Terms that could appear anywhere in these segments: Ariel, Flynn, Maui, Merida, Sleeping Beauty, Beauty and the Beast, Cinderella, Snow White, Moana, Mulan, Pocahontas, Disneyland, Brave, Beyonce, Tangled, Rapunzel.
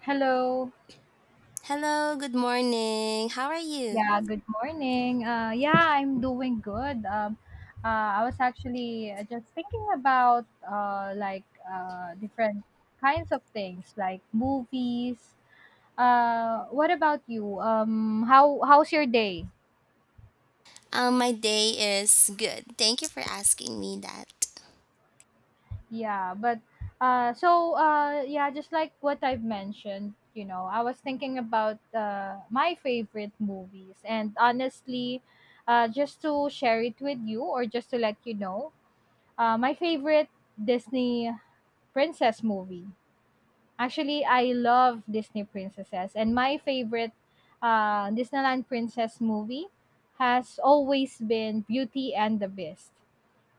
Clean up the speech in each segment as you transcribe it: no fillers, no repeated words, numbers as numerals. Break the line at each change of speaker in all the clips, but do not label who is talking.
Hello.
Hello, good morning. How are you?
Yeah, good morning. Yeah, I'm doing good. I was actually just thinking about different kinds of things, like movies. What about you? How's your day?
My day is good. Thank you for asking me that.
Yeah, but yeah, just like what I've mentioned, I was thinking about my favorite movies, and honestly, just to share it with you or just to let you know my favorite Disney princess movie. Actually, I love Disney princesses, and my favorite Disneyland princess movie has always been Beauty and the Beast.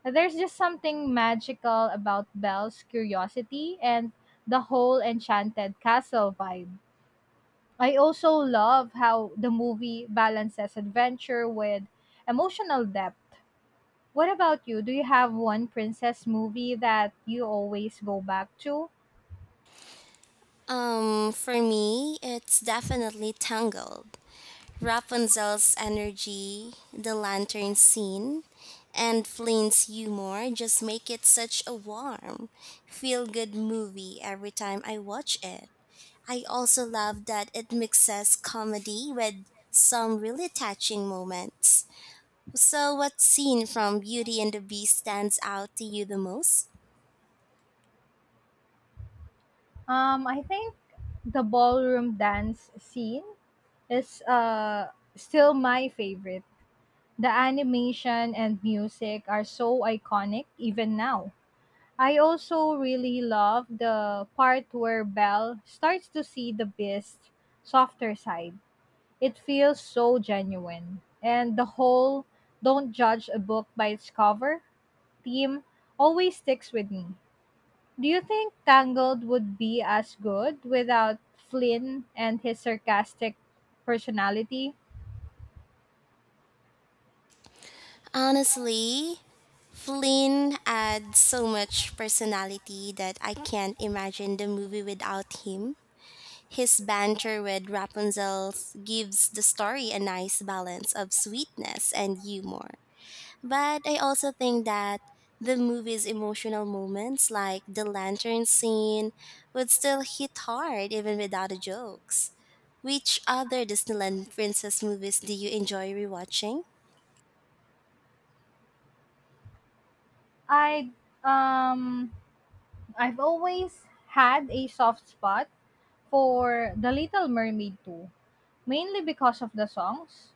There's just something magical about Belle's curiosity and the whole enchanted castle vibe. I also love how the movie balances adventure with emotional depth. What about you? Do you have one princess movie that you always go back to?
For me, it's definitely Tangled. Rapunzel's energy, the lantern scene, and Flynn's humor just make it such a warm, feel good movie every time I watch it. I also love that it mixes comedy with some really touching moments. So, what scene from Beauty and the Beast stands out to you the most?
I think the ballroom dance scene is still my favorite. The animation and music are so iconic even now. I also really love the part where Belle starts to see the beast's softer side. It feels so genuine. And the whole don't judge a book by its cover theme always sticks with me. Do you think Tangled would be as good without Flynn and his sarcastic personality?
Honestly, Flynn adds so much personality that I can't imagine the movie without him. His banter with Rapunzel gives the story a nice balance of sweetness and humor. But I also think that the movie's emotional moments, like the lantern scene, would still hit hard even without the jokes. Which other Disneyland princess movies do you enjoy rewatching?
I um I've always had a soft spot for The Little Mermaid too, mainly because of the songs.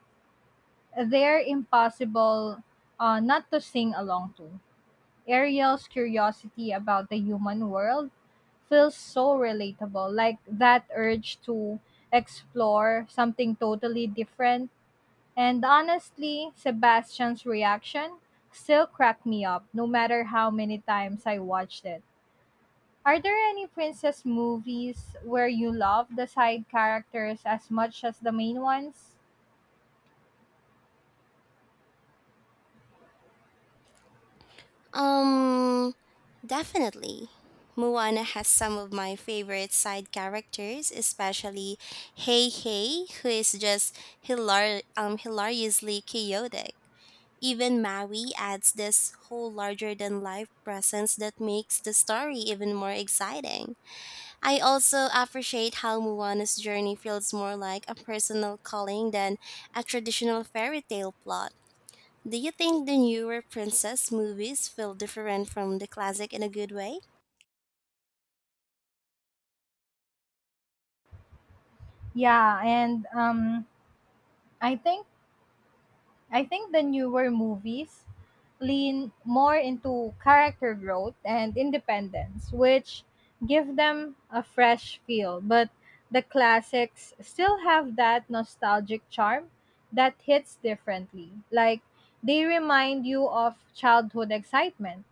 They're impossible not to sing along to. Ariel's curiosity about the human world feels so relatable, like that urge to explore something totally different. And honestly, Sebastian's reaction still cracked me up, no matter how many times I watched it. Are there any princess movies where you love the side characters as much as the main ones?
Um, definitely. Moana has some of my favorite side characters, especially Hey Hey, who is just hilariously chaotic. Even Maui adds this whole larger than life presence that makes the story even more exciting. I also appreciate how Moana's journey feels more like a personal calling than a traditional fairy tale plot. Do you think the newer princess movies feel different from the classic in a good way?
Yeah, and I think I think the newer movies lean more into character growth and independence, which give them a fresh feel. But the classics still have that nostalgic charm that hits differently. Like they remind you of childhood excitement.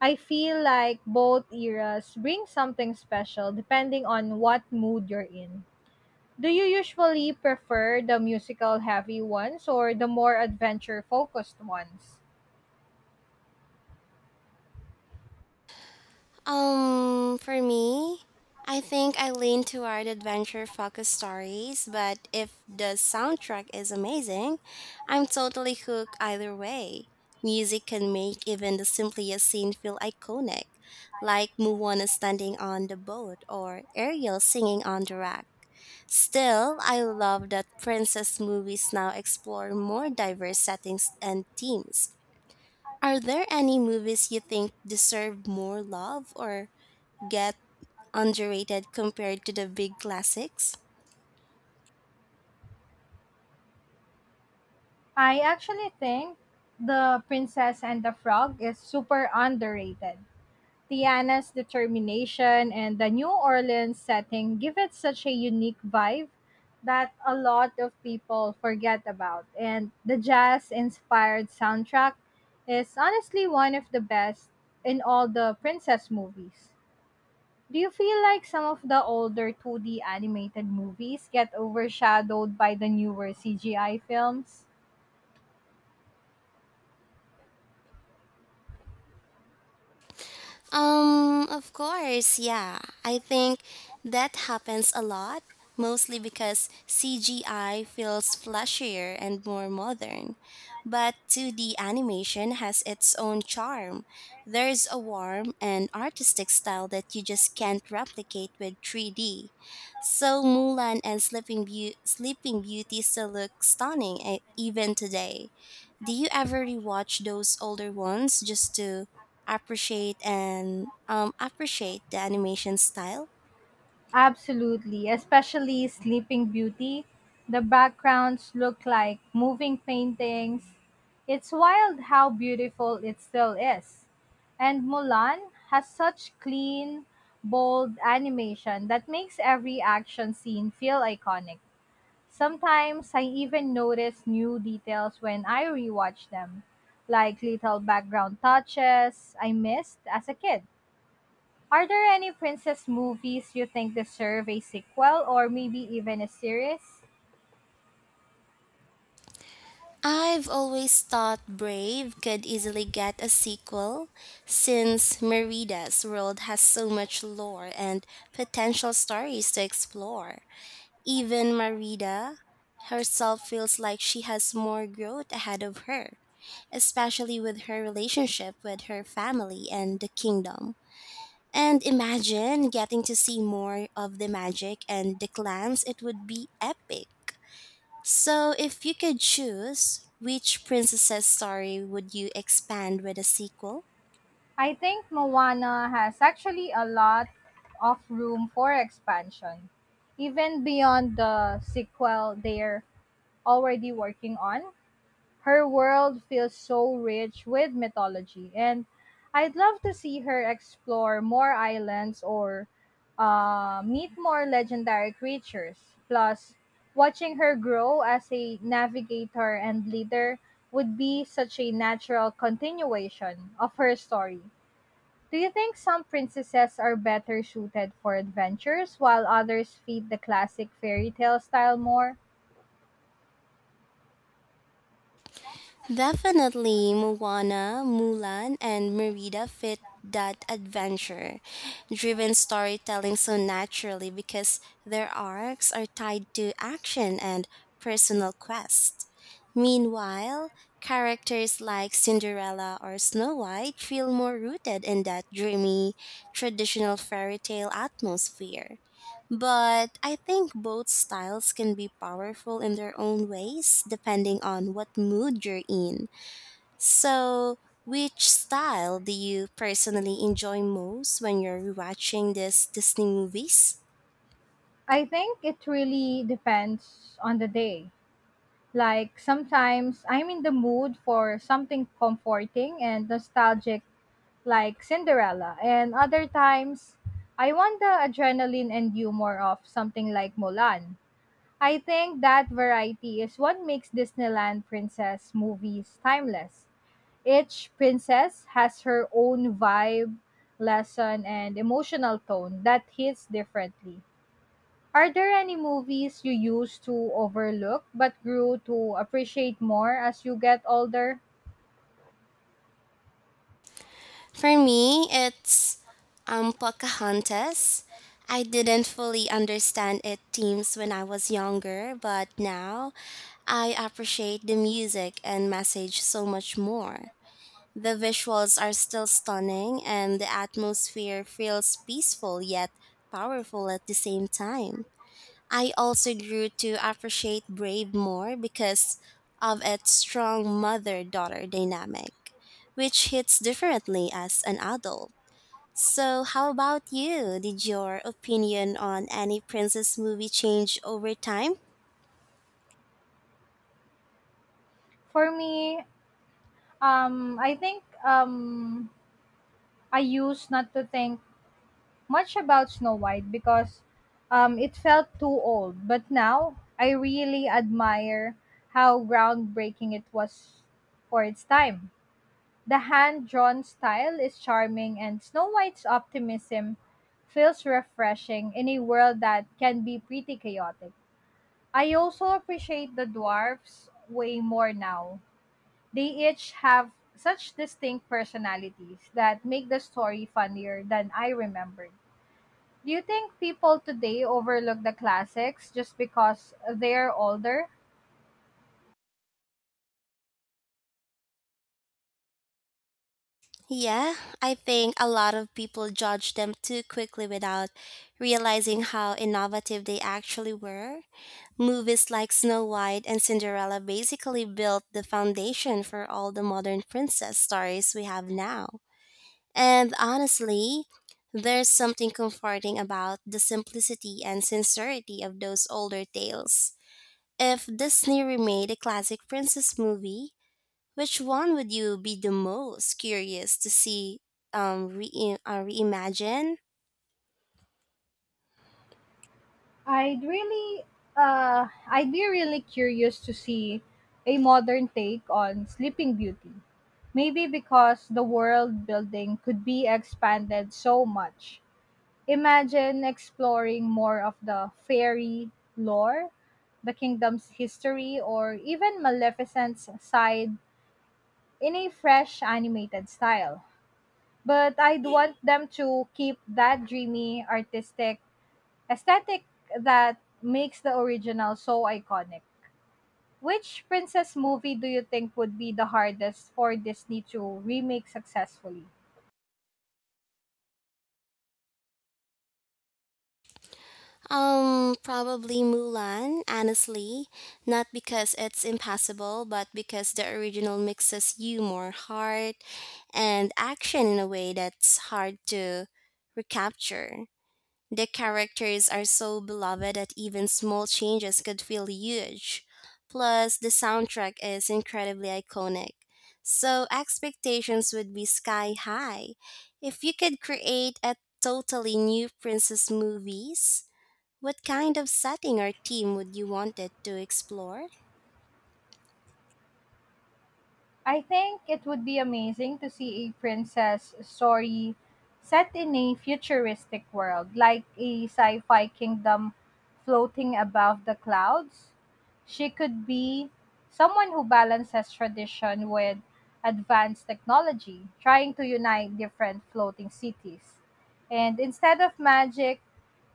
I feel like both eras bring something special depending on what mood you're in. Do you usually prefer the musical heavy ones or the more adventure focused ones?
For me, I think I lean toward adventure focused stories, but if the soundtrack is amazing, I'm totally hooked either way. Music can make even the simplest scene feel iconic, like Moana standing on the boat or Ariel singing on the rock. Still, I love that princess movies now explore more diverse settings and themes. Are there any movies you think deserve more love or get underrated compared to the big classics?
I actually think The Princess and the Frog is super underrated. Tiana's determination and the New Orleans setting give it such a unique vibe that a lot of people forget about. And the jazz inspired soundtrack is honestly one of the best in all the princess movies. Do you feel like some of the older 2D animated movies get overshadowed by the newer CGI films?
Of course, yeah. I think that happens a lot, mostly because CGI feels flashier and more modern. But 2D animation has its own charm. There's a warm and artistic style that you just can't replicate with 3D. So Mulan and Sleeping Beauty still look stunning eh, even today. Do you ever rewatch those older ones just to appreciate the animation style?
Absolutely, especially Sleeping Beauty. The backgrounds look like moving paintings. It's wild how beautiful it still is. And Mulan has such clean, bold animation that makes every action scene feel iconic. Sometimes I even notice new details when I rewatch them, like little background touches I missed as a kid. Are there any princess movies you think deserve a sequel or maybe even a series?
I've always thought Brave could easily get a sequel since Merida's world has so much lore and potential stories to explore. Even Merida herself feels like she has more growth ahead of her, especially with her relationship with her family and the kingdom. And imagine getting to see more of the magic and the clans, it would be epic. So, if you could choose, which princess's story would you expand with a sequel?
I think Moana has actually a lot of room for expansion, even beyond the sequel they're already working on. Her world feels so rich with mythology, and I'd love to see her explore more islands or meet more legendary creatures. Plus, watching her grow as a navigator and leader would be such a natural continuation of her story. Do you think some princesses are better suited for adventures while others feed the classic fairy tale style more?
Definitely Moana, Mulan, and Merida fit that adventure driven storytelling so naturally because their arcs are tied to action and personal quests. Meanwhile, characters like Cinderella or Snow White feel more rooted in that dreamy, traditional fairy tale atmosphere. But I think both styles can be powerful in their own ways depending on what mood you're in. So, which style do you personally enjoy most when you're watching these Disney movies?
I think it really depends on the day. Like sometimes I'm in the mood for something comforting and nostalgic, like Cinderella, and other times I want the adrenaline and humor of something like Mulan. I think that variety is what makes Disneyland princess movies timeless. Each princess has her own vibe, lesson, and emotional tone that hits differently. Are there any movies you used to overlook but grew to appreciate more as you get older?
For me, it's Pocahontas. I didn't fully understand its themes when I was younger, but now I appreciate the music and message so much more. The visuals are still stunning, and the atmosphere feels peaceful yet powerful at the same time. I also grew to appreciate Brave more because of its strong mother daughter dynamic, which hits differently as an adult. So, how about you? Did your opinion on any princess movie change over time?
For me, I think I used not to think much about Snow White because it felt too old. But now, I really admire how groundbreaking it was for its time. The hand drawn style is charming, and Snow White's optimism feels refreshing in a world that can be pretty chaotic. I also appreciate the dwarfs way more now. They each have such distinct personalities that make the story funnier than I remembered. Do you think people today overlook the classics just because they're older?
Yeah, I think a lot of people judge them too quickly without realizing how innovative they actually were. Movies like Snow White and Cinderella basically built the foundation for all the modern princess stories we have now. And honestly, there's something comforting about the simplicity and sincerity of those older tales. If Disney remade a classic princess movie, which one would you be the most curious to see reimagine?
I'd really, I'd be really curious to see a modern take on Sleeping Beauty. Maybe because the world building could be expanded so much. Imagine exploring more of the fairy lore, the kingdom's history, or even Maleficent's side in a fresh animated style. But I'd want them to keep that dreamy, artistic, aesthetic that makes the original so iconic. Which princess movie do you think would be the hardest for Disney to remake successfully?
Probably Mulan, honestly. Not because it's impossible, but because the original mixes humor, heart, and action in a way that's hard to recapture. The characters are so beloved that even small changes could feel huge. Plus, the soundtrack is incredibly iconic. So, expectations would be sky high. If you could create a totally new princess movies, what kind of setting or theme would you want it to explore?
I think it would be amazing to see a princess story set in a futuristic world, like a sci fi kingdom floating above the clouds. She could be someone who balances tradition with advanced technology, trying to unite different floating cities. And instead of magic,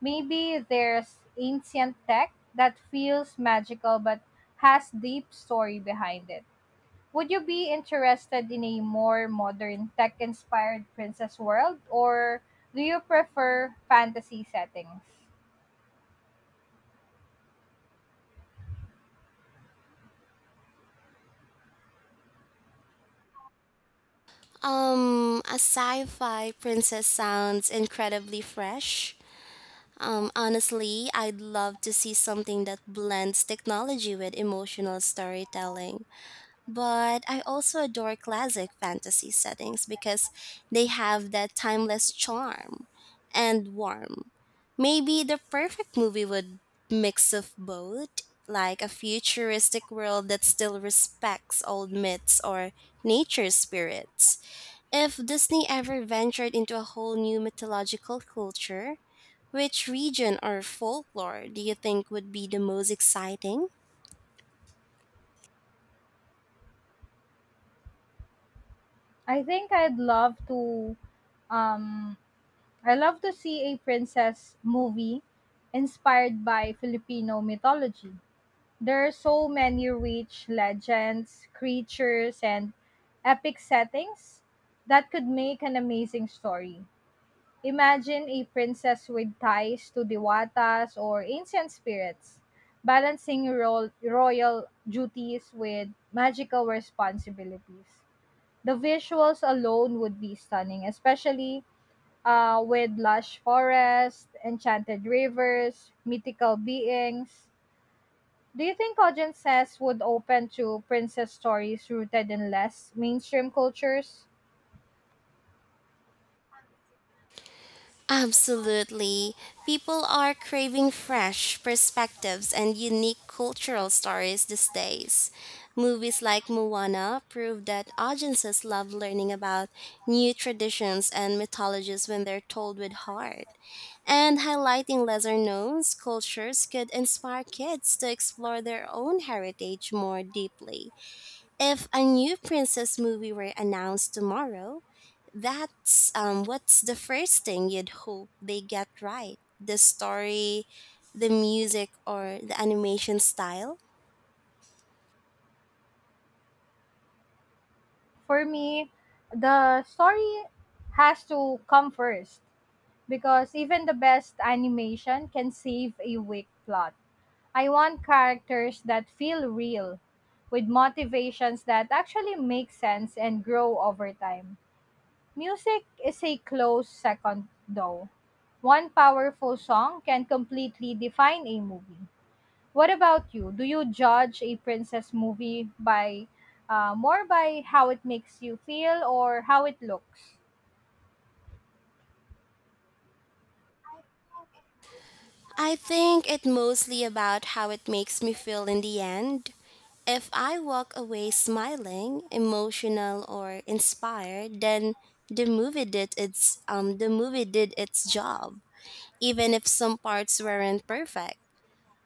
maybe there's ancient tech that feels magical but has deep story behind it. Would you be interested in a more modern tech inspired princess world or do you prefer fantasy settings?
A sci-fi princess sounds incredibly fresh. Honestly, I'd love to see something that blends technology with emotional storytelling. But I also adore classic fantasy settings because they have that timeless charm and warmth. Maybe the perfect movie would mix of both, like a futuristic world that still respects old myths or nature spirits. If Disney ever ventured into a whole new mythological culture, which region or folklore do you think would be the most exciting?
I'd love to um I love to see a princess movie inspired by Filipino mythology. There are so many rich legends, creatures and epic settings that could make an amazing story. Imagine a princess with ties to diwatas or ancient spirits, balancing royal duties with magical responsibilities. The visuals alone would be stunning, especially with lush forests, enchanted rivers, mythical beings. Do you think audiences would open to princess stories rooted in less mainstream cultures?
Absolutely. People are craving fresh perspectives and unique cultural stories these days. Movies like Moana prove that audiences love learning about new traditions and mythologies when they're told with heart. And highlighting lesser known cultures could inspire kids to explore their own heritage more deeply. If a new princess movie were announced tomorrow, that's what's the first thing you'd hope they get right? The story, the music, or the animation style?
For me, the story has to come first, because even the best animation can save a weak plot. I want characters that feel real, with motivations that actually make sense and grow over time. Music is a close second, though. One powerful song can completely define a movie. What about you? Do you judge a princess movie by more by how it makes you feel or how it looks?
I think it's mostly about how it makes me feel in the end. If I walk away smiling, emotional, or inspired, then the movie did its job, even if some parts weren't perfect.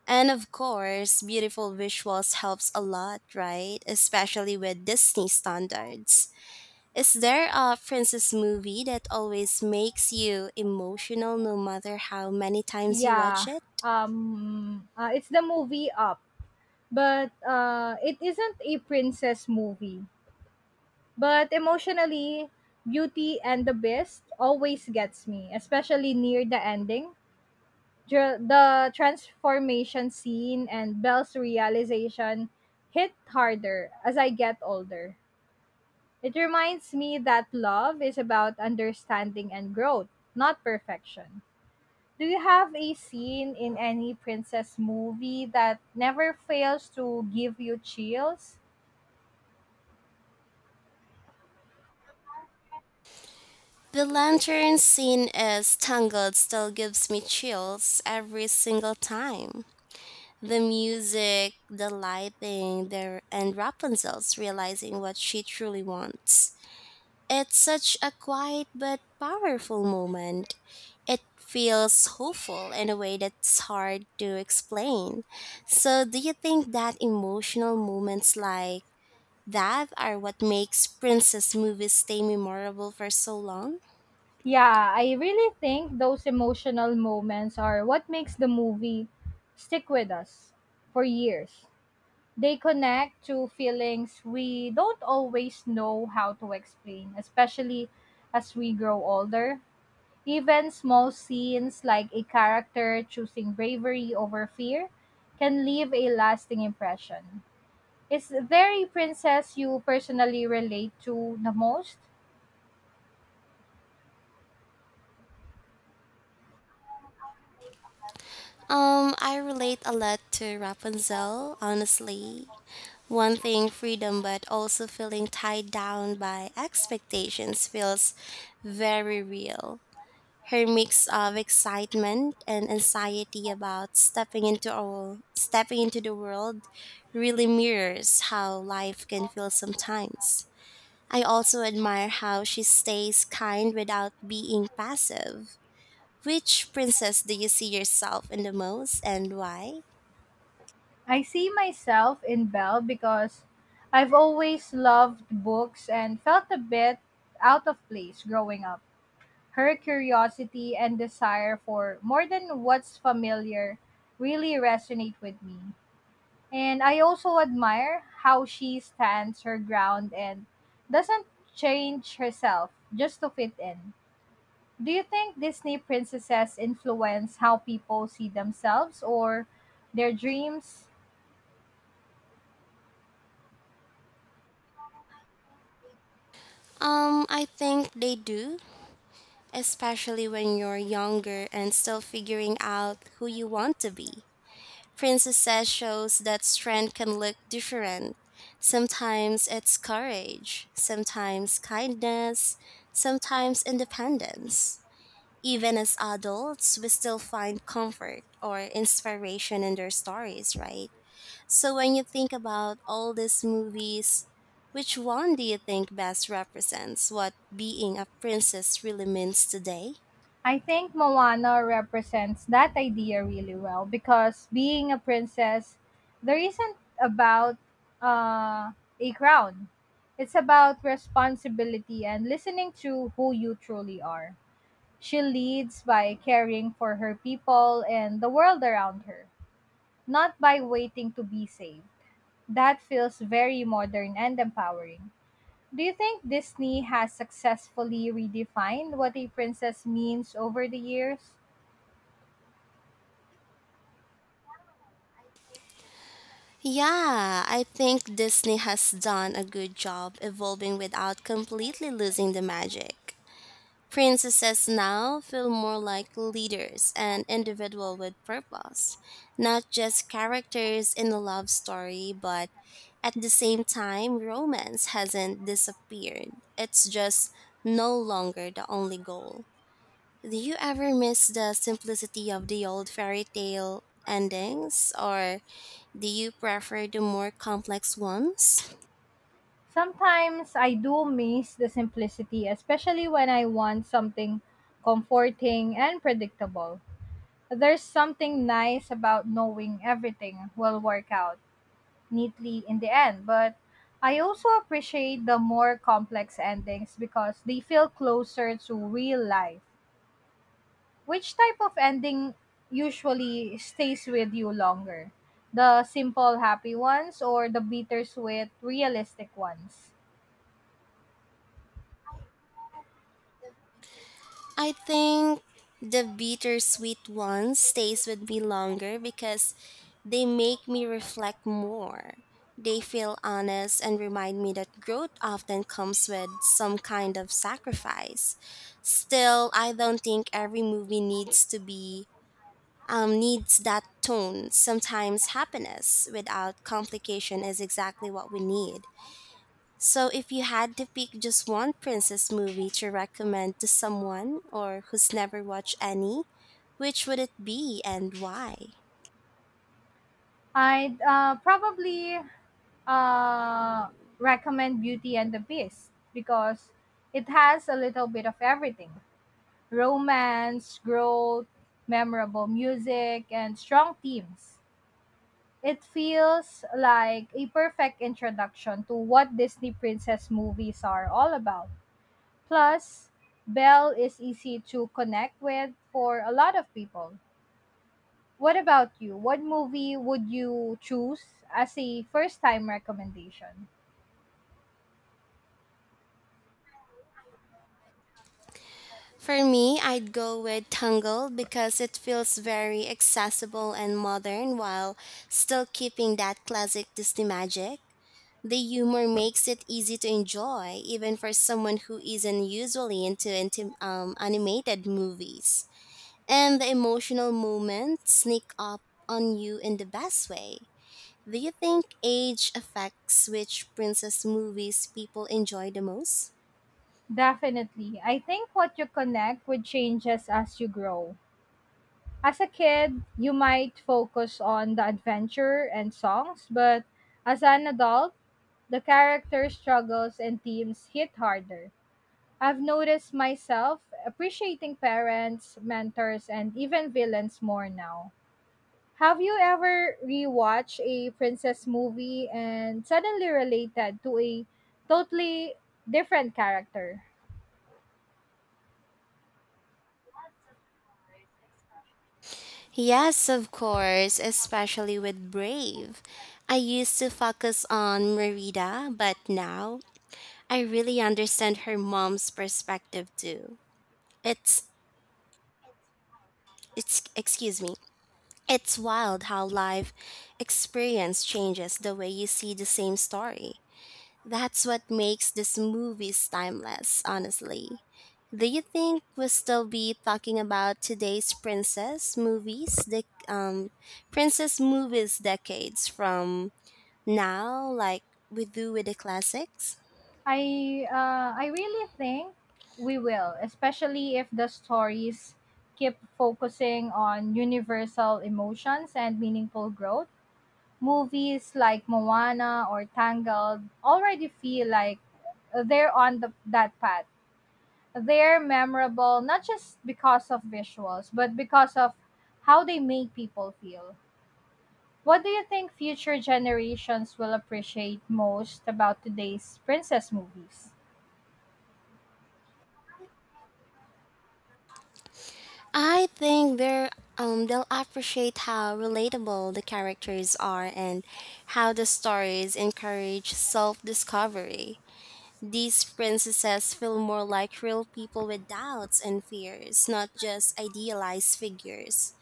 And of course, beautiful visuals helps a lot, right? Especially with Disney standards. Is there a princess movie that always makes you emotional no matter how many times you
Yeah,
watch it?
it's the movie Up, but it isn't a princess movie. But emotionally, Beauty and the Beast always gets me, especially near the ending. The transformation scene and Belle's realization hit harder as I get older. It reminds me that love is about understanding and growth, not perfection. Do you have a scene in any princess movie that never fails to give you chills?
The lantern scene is tangled still gives me chills every single time. The music, the lighting, and Rapunzel's realizing what she truly wants. It's such a quiet but powerful moment. It feels hopeful in a way that's hard to explain. So, do you think that emotional moments like that are what makes princess movies stay memorable for so long?
Yeah, I really think those emotional moments are what makes the movie stick with us for years. They connect to feelings we don't always know how to explain, especially as we grow older. Even small scenes like a character choosing bravery over fear can leave a lasting impression. Is there a princess you personally relate to the most?
I relate a lot to Rapunzel, honestly. One thing, freedom, but also feeling tied down by expectations feels very real. Her mix of excitement and anxiety about stepping into the world really mirrors how life can feel sometimes. I also admire how she stays kind without being passive. Which princess do you see yourself in the most and why?
I see myself in Belle because I've always loved books and felt a bit out of place growing up. Her curiosity and desire for more than what's familiar really resonate with me. And I also admire how she stands her ground and doesn't change herself just to fit in. Do you think Disney princesses influence how people see themselves or their dreams?
I think they do, especially when you're younger and still figuring out who you want to be. Princesses shows that strength can look different. Sometimes it's courage, sometimes kindness, sometimes independence. Even as adults, we still find comfort or inspiration in their stories, right? So when you think about all these movies, which one do you think best represents what being a princess really means today?
I think Moana represents that idea really well because being a princess, there isn't about uh, a crown. It's about responsibility and listening to who you truly are. She leads by caring for her people and the world around her, not by waiting to be saved. That feels very modern and empowering. Do you think Disney has successfully redefined what a princess means over the years?
Yeah, I think Disney has done a good job evolving without completely losing the magic. Princesses now feel more like leaders and individual with purpose, not just characters in a love story, but at the same time, romance hasn't disappeared. It's just no longer the only goal. Do you ever miss the simplicity of the old fairy tale endings or do you prefer the more complex ones?
Sometimes I do miss the simplicity, especially when I want something comforting and predictable. There's something nice about knowing everything will work out neatly in the end, but I also appreciate the more complex endings because they feel closer to real life. Which type of ending usually stays with you longer? The simple, happy ones or the bittersweet, realistic ones?
I think the bittersweet ones stays with me longer because they make me reflect more. They feel honest and remind me that growth often comes with some kind of sacrifice. Still, I don't think every movie needs to be needs that tone. Sometimes happiness without complication is exactly what we need. So, if you had to pick just one princess movie to recommend to someone or who's never watched any, which would it be and why?
I'd probably uh, recommend Beauty and the Beast because it has a little bit of everything: romance, growth, memorable music, and strong themes. It feels like a perfect introduction to what Disney princess movies are all about. Plus, Belle is easy to connect with for a lot of people. What about you? What movie would you choose as a first time recommendation?
For me, I'd go with Tangled because it feels very accessible and modern while still keeping that classic Disney magic. The humor makes it easy to enjoy, even for someone who isn't usually into animated movies. And the emotional moments sneak up on you in the best way. Do you think age affects which princess movies people enjoy the most?
Definitely. I think what you connect with changes as you grow. As a kid, you might focus on the adventure and songs, but as an adult, the character struggles and themes hit harder. I've noticed myself appreciating parents, mentors, and even villains more now. Have you ever rewatched a princess movie and suddenly related to a totally different character?
Yes, of course, especially with Brave. I used to focus on Merida, but now I really understand her mom's perspective too. It's it's Excuse me. It's wild how life experience changes the way you see the same story. That's what makes these movies timeless, honestly. Do you think we'll still be talking about today's princess movies, the princess movies decades from now, like we do with the classics?
I really think we will, especially if the stories keep focusing on universal emotions and meaningful growth. Movies like Moana or Tangled already feel like they're on that path. They're memorable not just because of visuals, but because of how they make people feel. What do you think future generations will appreciate most about today's princess movies?
I think they're They'll appreciate how relatable the characters are and how the stories encourage self-discovery. These princesses feel more like real people with doubts and fears, not just idealized figures.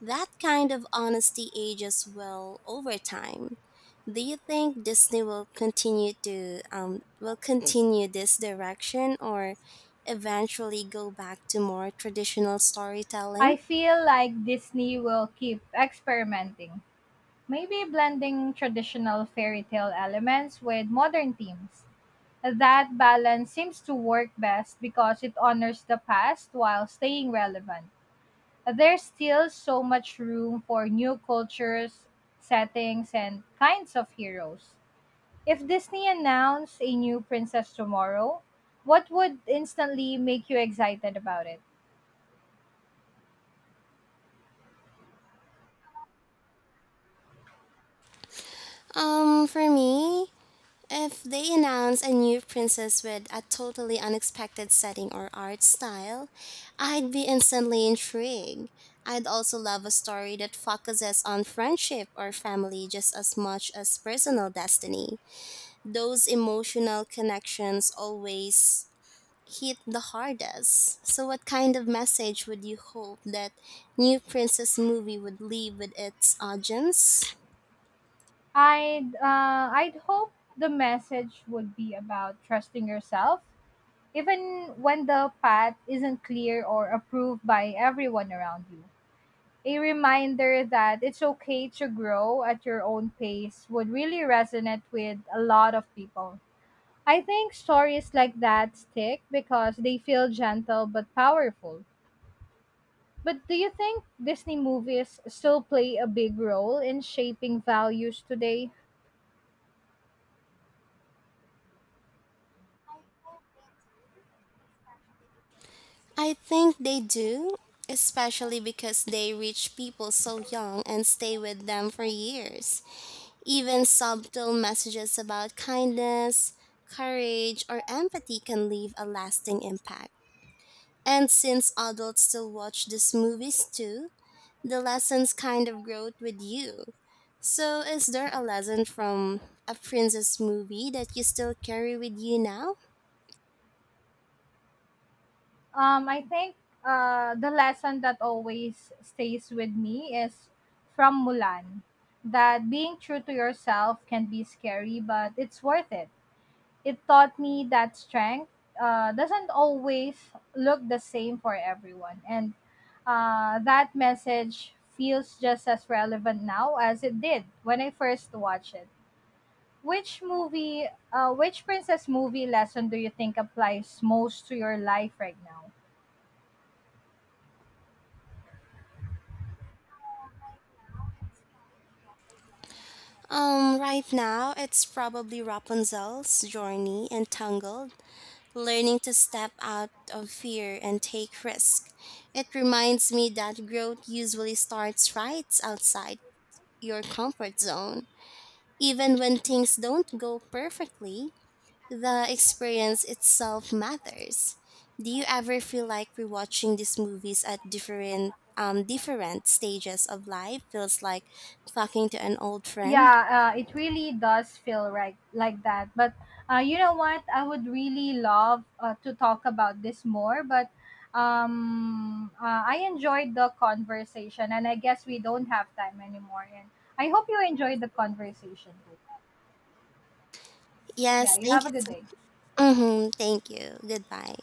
That kind of honesty ages well over time. Do you think Disney will continue to will continue this direction or eventually go back to more traditional
I
storytelling?
feel like Disney will keep experimenting, maybe blending traditional fairy tale elements with modern themes. That balance seems to work best because it honors the past while staying relevant. There's still so much room for new cultures, settings, and kinds of heroes. If Disney announced a new princess tomorrow, what would instantly make you excited about it?
For me, if they announce a new princess with a totally unexpected setting or art style, I'd be instantly intrigued. I'd also love a story that focuses on friendship or family just as much as personal destiny. Those emotional connections always hit the hardest. So, what kind of message would you hope that New Princess movie would leave with its audience?
I'd hope the message would be about trusting yourself, even when the path isn't clear or approved by everyone around you. A reminder that it's okay to grow at your own pace would really resonate with a lot of people. I think stories like that stick because they feel gentle but powerful. But do you think Disney movies still play a big role in shaping values today?
I think they do, especially because they reach people so young and stay with them for years. Even subtle messages about kindness, courage, or empathy can leave a lasting impact. And since adults still watch these movies too, the lessons kind of grow with you. So, is there a lesson from a princess movie that you still carry with you now?
I think the lesson that always stays with me is from Mulan, that being true to yourself can be scary, but it's worth it. It taught me that strength doesn't always look the same for everyone. And that message feels just as relevant now as it did when I first watched it. Which movie, which princess movie lesson do you think applies most to your life right now?
Right now, it's probably Rapunzel's journey entangled, learning to step out of fear and take risk. It reminds me that growth usually starts right outside your comfort zone. Even when things don't go perfectly, the experience itself matters. Do you ever feel like rewatching these movies at different stages of life feels like talking to an old
Yeah,
friend?
it really does feel right like that, but you know what, I would really love to talk about this more, but I enjoyed the conversation and I guess we don't have time anymore, and I hope you enjoyed the conversation.
Yes,
Yeah, you have
thank
a
you
good
so.
day.
Mm-hmm. Thank you. Goodbye.